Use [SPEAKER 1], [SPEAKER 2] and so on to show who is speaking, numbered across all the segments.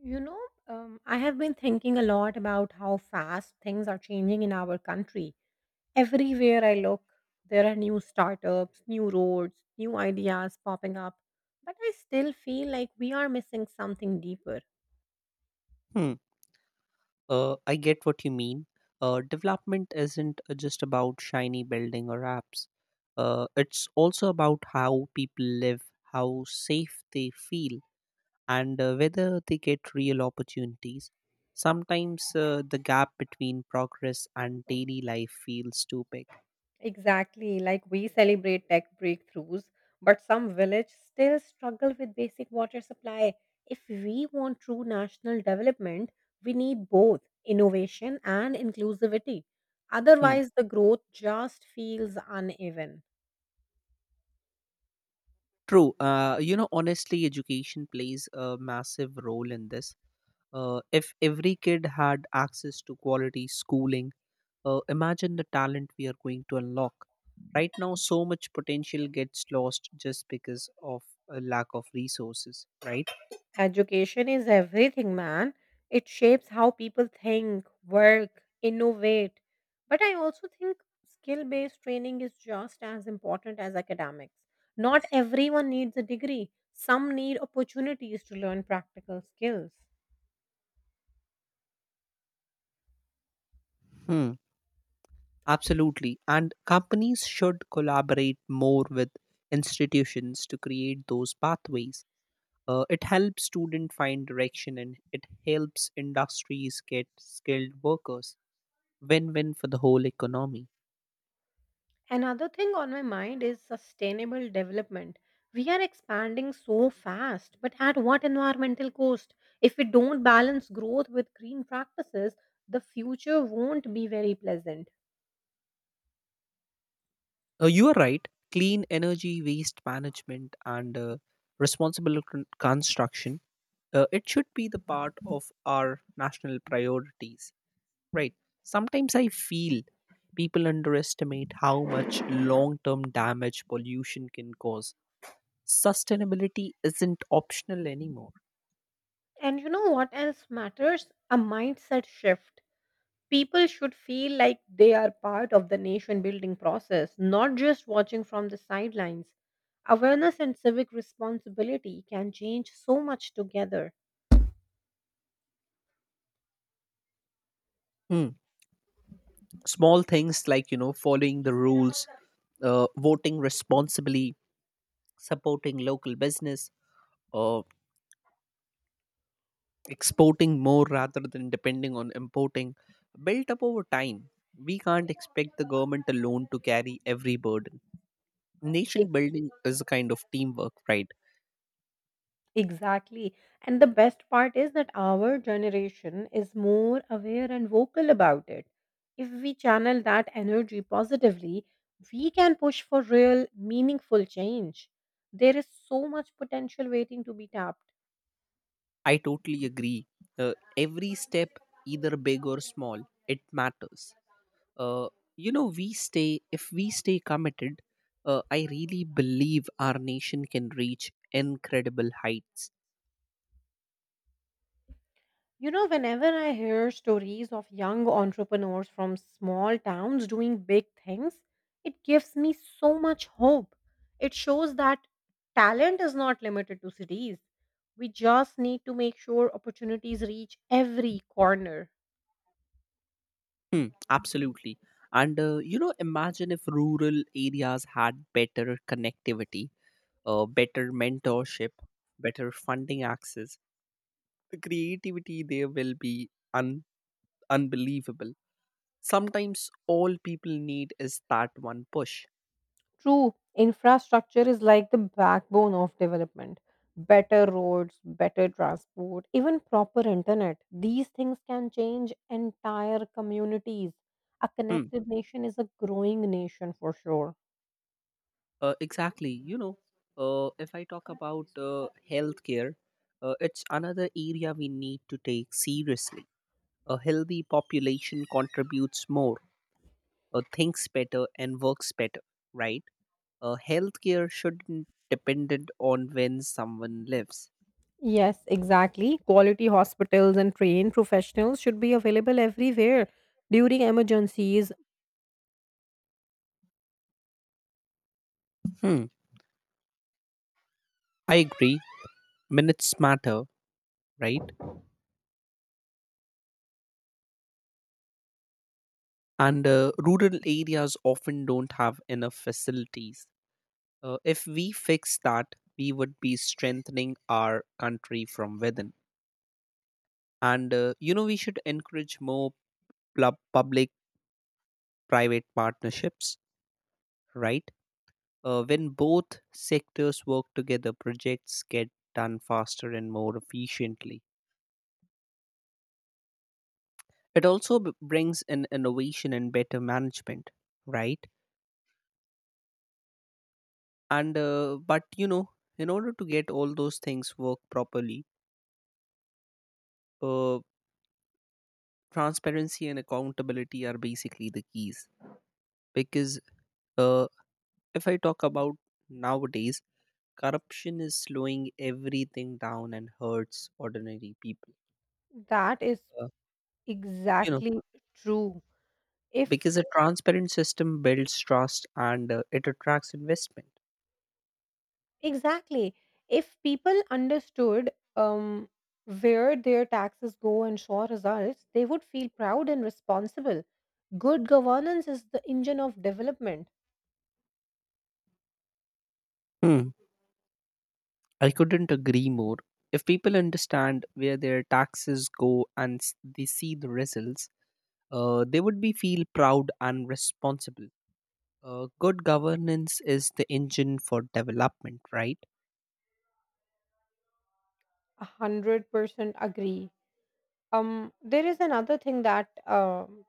[SPEAKER 1] You know, I have been thinking a lot about how fast things are changing in our country. Everywhere I look, there are new startups, new roads, new ideas popping up. But I still feel like we are missing something deeper.
[SPEAKER 2] Hmm. I get what you mean. Development isn't just about shiny building or apps. It's also about how people live, how safe they feel, and whether they get real opportunities. Sometimes the gap between progress and daily life feels too big.
[SPEAKER 1] Exactly, like we celebrate tech breakthroughs, but some villages still struggle with basic water supply. If we want true national development, we need both innovation and inclusivity.
[SPEAKER 2] Hmm.
[SPEAKER 1] Otherwise, the growth just feels uneven.
[SPEAKER 2] True. Honestly, education plays a massive role in this. If every kid had access to quality schooling, imagine the talent we are going to unlock. Right now, so much potential gets lost just because of a lack of resources, right?
[SPEAKER 1] Education is everything, man. It shapes how people think, work, innovate. But I also think skill based training is just as important as academics. Not everyone needs a degree, some need opportunities to learn practical skills.
[SPEAKER 2] Hmm. Absolutely. And companies should collaborate more with institutions to create those pathways. It helps students find direction and it helps industries get skilled workers. Win win for the whole economy.
[SPEAKER 1] Another thing on my mind is sustainable development. We are expanding so fast, but at what environmental cost? If we don't balance growth with green practices, the future won't be very pleasant.
[SPEAKER 2] You are right. Clean energy, waste management, and responsible construction. It should be the part of our national priorities, right? Sometimes I feel people underestimate how much long-term damage pollution can cause. Sustainability isn't optional anymore.
[SPEAKER 1] And you know what else matters? A mindset shift. People should feel like they are part of the nation building process, not just watching from the sidelines. Awareness and civic responsibility can change so much together.
[SPEAKER 2] Hmm. Small things like following the rules, voting responsibly, supporting local business, uh, exporting more rather than depending on importing built up over time. We can't expect the government alone to carry every burden. Nation building is a kind of teamwork, right?
[SPEAKER 1] Exactly. And the best part is that our generation is more aware and vocal about it. If we channel that energy positively, we can push for real, meaningful change. There is so much potential waiting to be tapped.
[SPEAKER 2] I totally agree. Every step, either big or small, it matters. Uh, if we stay committed, I really believe our nation can reach incredible heights.
[SPEAKER 1] You know, whenever I hear stories of young entrepreneurs from small towns doing big things, it gives me so much hope. It shows that talent is not limited to cities. We just need to make sure opportunities reach every corner.
[SPEAKER 2] Hmm, absolutely. And imagine if rural areas had better connectivity, better mentorship, better funding access. The creativity there will be unbelievable. Sometimes all people need is that one push.
[SPEAKER 1] True, infrastructure is like the backbone of development. Better roads, better transport, even proper internet. These things can change entire communities. A
[SPEAKER 2] Hmm.
[SPEAKER 1] connected nation is a growing nation for sure.
[SPEAKER 2] Exactly. If I talk about healthcare, it's another area we need to take seriously. A healthy population contributes more, thinks better and works better, right? Healthcare shouldn't dependent on when someone lives.
[SPEAKER 1] Yes, exactly. Quality hospitals and trained professionals should be available everywhere during emergencies.
[SPEAKER 2] Hmm. I agree. Minutes matter, right? And rural areas often don't have enough facilities. If we fix that, we would be strengthening our country from within. And we should encourage more pub- public-private partnerships, right? When both sectors work together, projects get done faster and more efficiently. It also brings in innovation and better management, right? And but you know, in order to get all those things work properly, uh, transparency and accountability are basically the keys. Because uh, if I talk about nowadays, corruption is slowing everything down and hurts ordinary people.
[SPEAKER 1] That is
[SPEAKER 2] Uh, you know
[SPEAKER 1] exactly true. If
[SPEAKER 2] because a transparent system builds trust and it attracts investment.
[SPEAKER 1] Exactly. If people understood where their taxes go and show results, they would feel proud and responsible. Good governance is the engine of development.
[SPEAKER 2] Hmm. I couldn't agree more. If people understand where their taxes go and they see the results, they would be feel proud and responsible. Good governance is the engine for development, right?
[SPEAKER 1] 100% agree. There is another thing that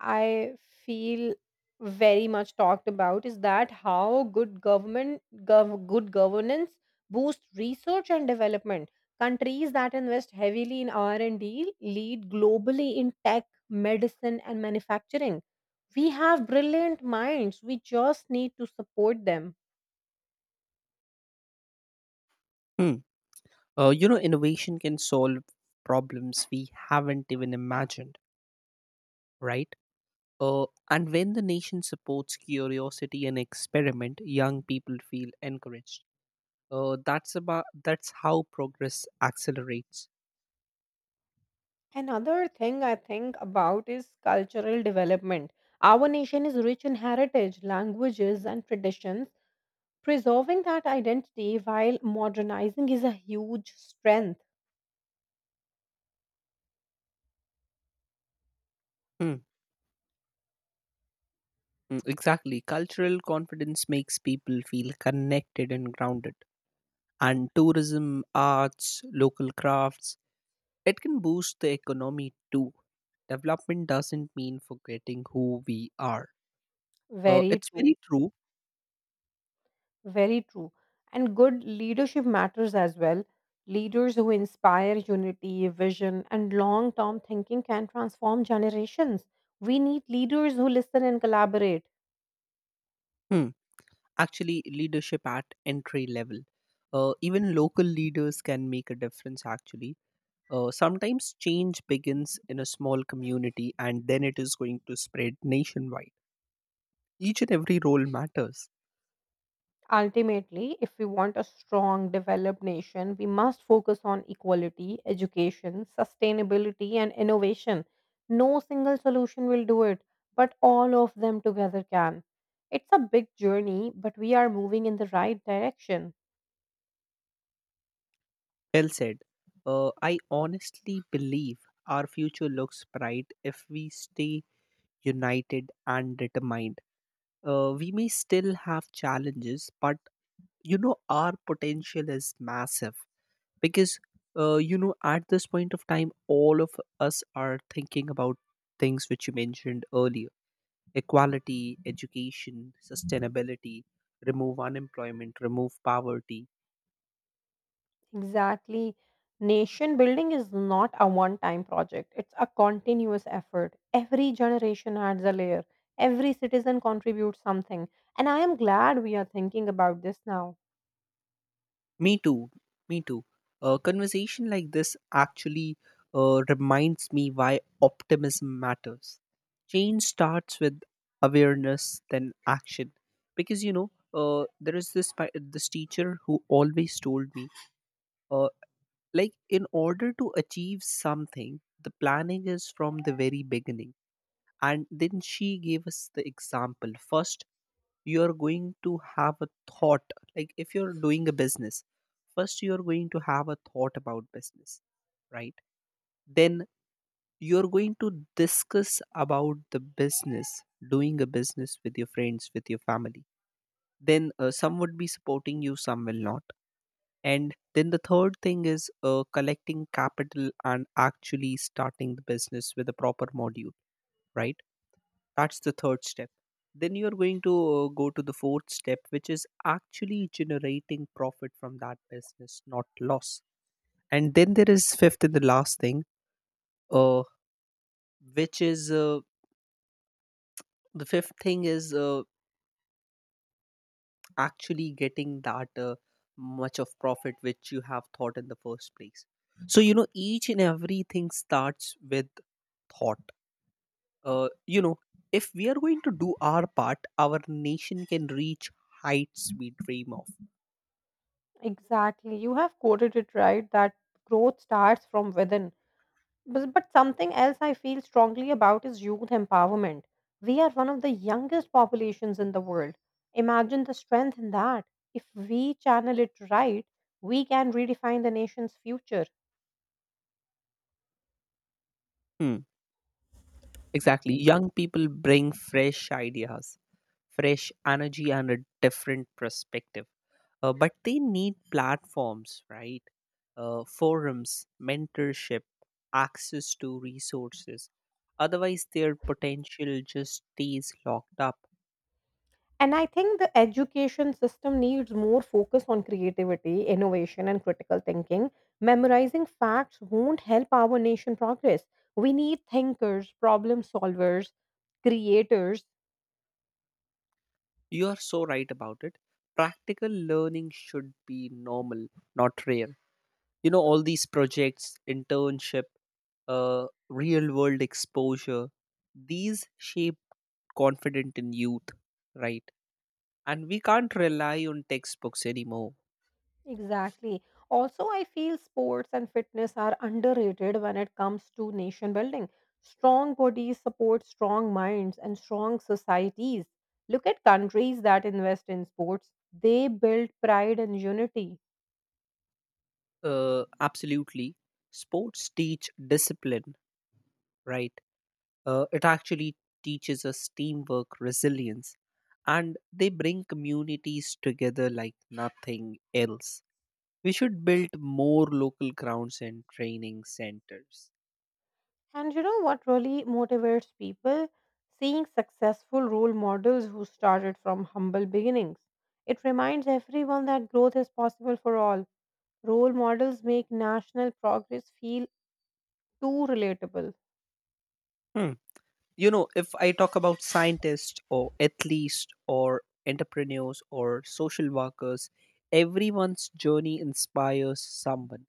[SPEAKER 1] I feel very much talked about is that how good government good governance boosts research and development. Countries that invest heavily in R&D lead globally in tech, medicine, and manufacturing. We have brilliant minds. We just need to support them.
[SPEAKER 2] Hmm. Innovation can solve problems we haven't even imagined, right? And when the nation supports curiosity and experiment, young people feel encouraged. That's how progress accelerates.
[SPEAKER 1] Another thing I think about is cultural development. Our nation is rich in heritage, languages, and traditions. Preserving that identity while modernizing is a huge strength.
[SPEAKER 2] Hmm. Exactly. Cultural confidence makes people feel connected and grounded. And tourism, arts, local crafts, it can boost the economy too. Development doesn't mean forgetting who we are.
[SPEAKER 1] Very
[SPEAKER 2] It's
[SPEAKER 1] true.
[SPEAKER 2] very true.
[SPEAKER 1] Very true. And good leadership matters as well. Leaders who inspire unity, vision, and long term thinking can transform generations. We need leaders who listen and collaborate.
[SPEAKER 2] Hmm. Actually leadership at entry level, even local leaders can make a difference actually. Sometimes change begins in a small community and then it is going to spread nationwide. Each and every role matters.
[SPEAKER 1] Ultimately, if we want a strong, developed nation, we must focus on equality, education, sustainability, and innovation. No single solution will do it, but all of them together can. It's a big journey, but we are moving in the right direction.
[SPEAKER 2] Well said. I honestly believe our future looks bright if we stay united and determined. We may still have challenges, but you know, our potential is massive, because at this point of time all of us are thinking about things which you mentioned earlier: equality, education, sustainability, remove unemployment, remove poverty.
[SPEAKER 1] Exactly. Nation building is not a one time project, it's a continuous effort. Every generation adds a layer, every citizen contributes something. And I am glad we are thinking about this now.
[SPEAKER 2] Me too, me too. A conversation like this actually reminds me why optimism matters. Change starts with awareness, then action. Because there is this this teacher who always told me, uh, like in order to achieve something, the planning is from the very beginning. And then she gave us the example. First, you're going to have a thought, like if you're doing a business, first you're going to have a thought about business, right? Then you're going to discuss about the business, doing a business with your friends, with your family. Then some would be supporting you, some will not. And then the third thing is collecting capital and actually starting the business with a proper module, right? That's the third step. Then you're going to go to the fourth step, which is actually generating profit from that business, not loss. And then there is fifth and the last thing, uh, which is the fifth thing is actually getting that much of profit which you have thought in the first place. So, you know, each and everything starts with thought. uh, you know if we are going to do our part, our nation can reach heights we dream of.
[SPEAKER 1] Exactly. You have quoted it right that growth starts from within. But something else I feel strongly about is youth empowerment. We are one of the youngest populations in the world. Imagine the strength in that. If we channel it right, we can redefine the nation's future.
[SPEAKER 2] Hmm. Exactly. Young people bring fresh ideas, fresh energy and a different perspective. But they need platforms, right? Forums, mentorship, access to resources. Otherwise their potential just stays locked up.
[SPEAKER 1] And I think the education system needs more focus on creativity, innovation, and critical thinking. Memorizing facts won't help our nation progress. We need thinkers, problem solvers, creators.
[SPEAKER 2] You are so right about it. Practical learning should be normal, not rare. You know, all these projects, internship, uh, real world exposure, these shape confident in youth, right? And we can't rely on textbooks anymore.
[SPEAKER 1] Exactly. Also, I feel sports and fitness are underrated when it comes to nation building. Strong bodies support strong minds and strong societies. Look at countries that invest in sports, they build pride and unity.
[SPEAKER 2] Absolutely. Sports teach discipline, right? It actually teaches us teamwork, resilience, and they bring communities together like nothing else. We should build more local grounds and training centers.
[SPEAKER 1] And you know what really motivates people? Seeing successful role models who started from humble beginnings. It reminds everyone that growth is possible for all. Role models make national progress feel too relatable.
[SPEAKER 2] Hmm. You know, if I talk about scientists or athletes or entrepreneurs or social workers, everyone's journey inspires someone,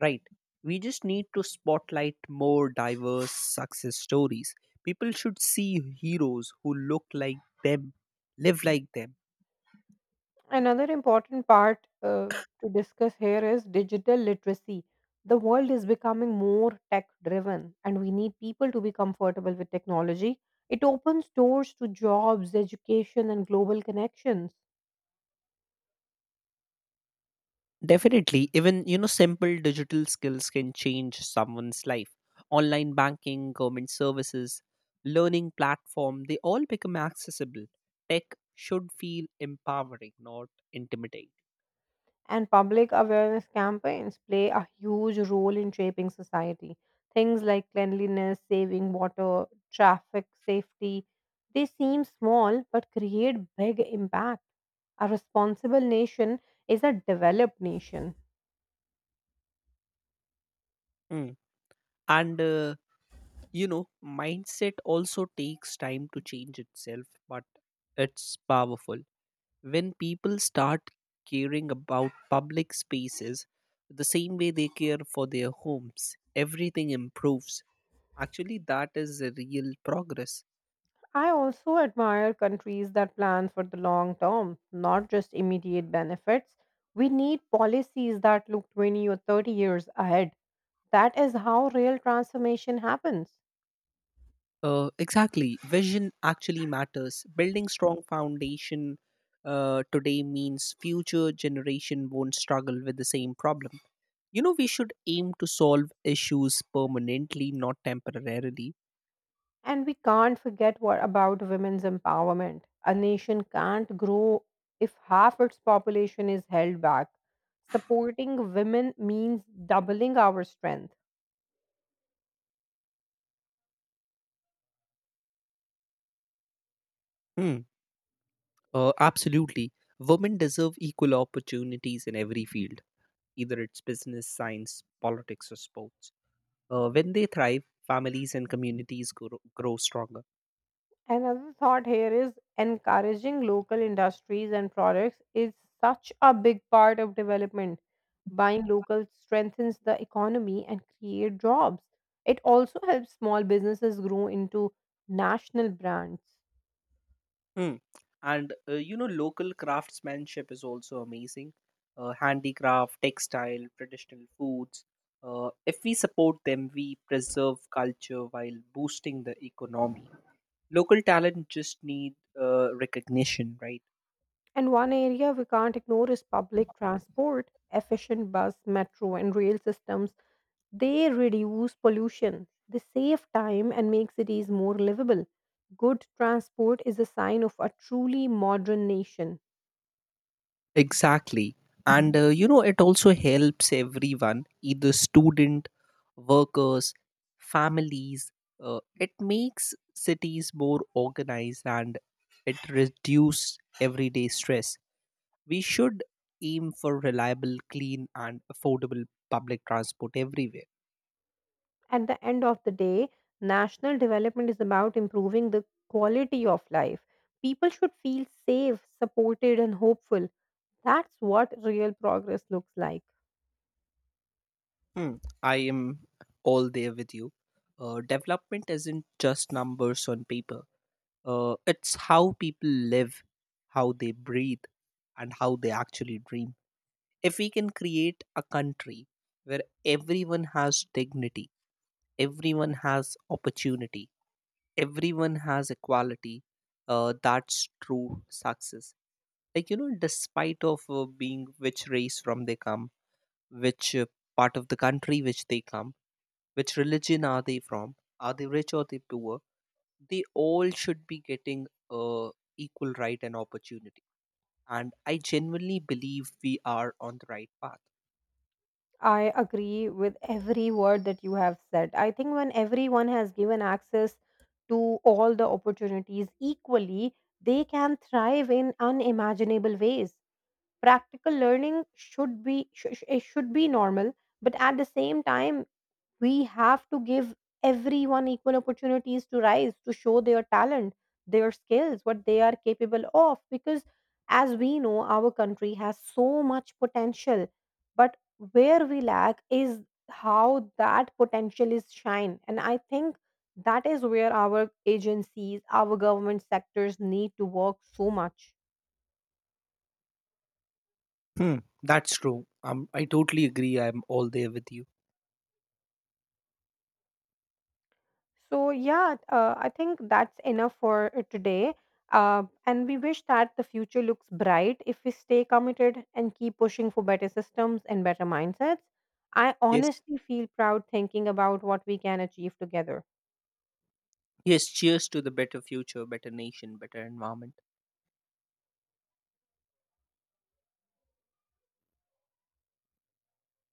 [SPEAKER 2] right? We just need to spotlight more diverse success stories. People should see heroes who look like them, live like them.
[SPEAKER 1] Another important part to discuss here is digital literacy. The world is becoming more tech driven, and we need people to be comfortable with technology. It opens doors to jobs, education, and global connections.
[SPEAKER 2] Definitely. Even, you know, simple digital skills can change someone's life. Online banking, government services, learning platform, they all become accessible. Tech should feel empowering, not intimidating.
[SPEAKER 1] And public awareness campaigns play a huge role in shaping society. Things like cleanliness, saving water, traffic safety, they seem small but create big impact. A responsible nation is a developed nation.
[SPEAKER 2] Mm. And mindset also takes time to change itself, but it's powerful. When people start caring about public spaces the same way they care for their homes, everything improves. Actually, that is a real progress.
[SPEAKER 1] I also admire countries that plan for the long term, not just immediate benefits. We need policies that look 20 or 30 years ahead. That is how real transformation happens.
[SPEAKER 2] Exactly. Vision actually matters. Building strong foundation today means future generation won't struggle with the same problem. You know, we should aim to solve issues permanently, not temporarily.
[SPEAKER 1] And we can't forget what about women's empowerment. A nation can't grow if half its population is held back. Supporting women means doubling our strength.
[SPEAKER 2] Hmm. Absolutely. Women deserve equal opportunities in every field, either it's business, science, politics, or sports. When they thrive, families and communities grow stronger.
[SPEAKER 1] Another thought here is encouraging local industries and products is such a big part of development. Buying local strengthens the economy and create jobs. It also helps small businesses grow into national brands.
[SPEAKER 2] Hmm. And local craftsmanship is also amazing. Handicraft, textile, traditional foods. If we support them, we preserve culture while boosting the economy. Local talent just need recognition, right?
[SPEAKER 1] And one area we can't ignore is public transport. Efficient bus, metro, and rail systems, they reduce pollution. They save time and make cities more livable. Good transport is a sign of a truly modern nation.
[SPEAKER 2] Exactly. And it also helps everyone, either student, workers, families. It makes cities more organized and it reduces everyday stress. We should aim for reliable, clean, and affordable public transport everywhere.
[SPEAKER 1] At the end of the day, national development is about improving the quality of life. People should feel safe, supported, and hopeful. That's what real progress looks like.
[SPEAKER 2] Hmm. I am all there with you. Development isn't just numbers on paper. It's how people live, how they breathe, and how they actually dream. If we can create a country where everyone has dignity, everyone has opportunity, everyone has equality, that's true success. Like, you know, despite of being which race from they come, which part of the country which they come, which religion are they from, are they rich or they poor, they all should be getting equal right and opportunity, and I genuinely believe we are on the right path.
[SPEAKER 1] I agree with every word that you have said. I think when everyone has given access to all the opportunities equally, they can thrive in unimaginable ways. Practical learning should be it should be normal, but at the same time we have to give everyone equal opportunities to rise to show their talent their skills what they are capable of because as we know our country has so much potential but where we lack is how that potential is shine and I think that is where our agencies our government sectors need to work so much.
[SPEAKER 2] Hmm. That's true. I totally agree, I'm all there with you.
[SPEAKER 1] So, yeah, I think that's enough for today. And we wish that the future looks bright if we stay committed and keep pushing for better systems and better mindsets. I
[SPEAKER 2] Yes,
[SPEAKER 1] honestly feel proud thinking about what we can achieve together.
[SPEAKER 2] yes, cheers to the better future, better nation, better environment.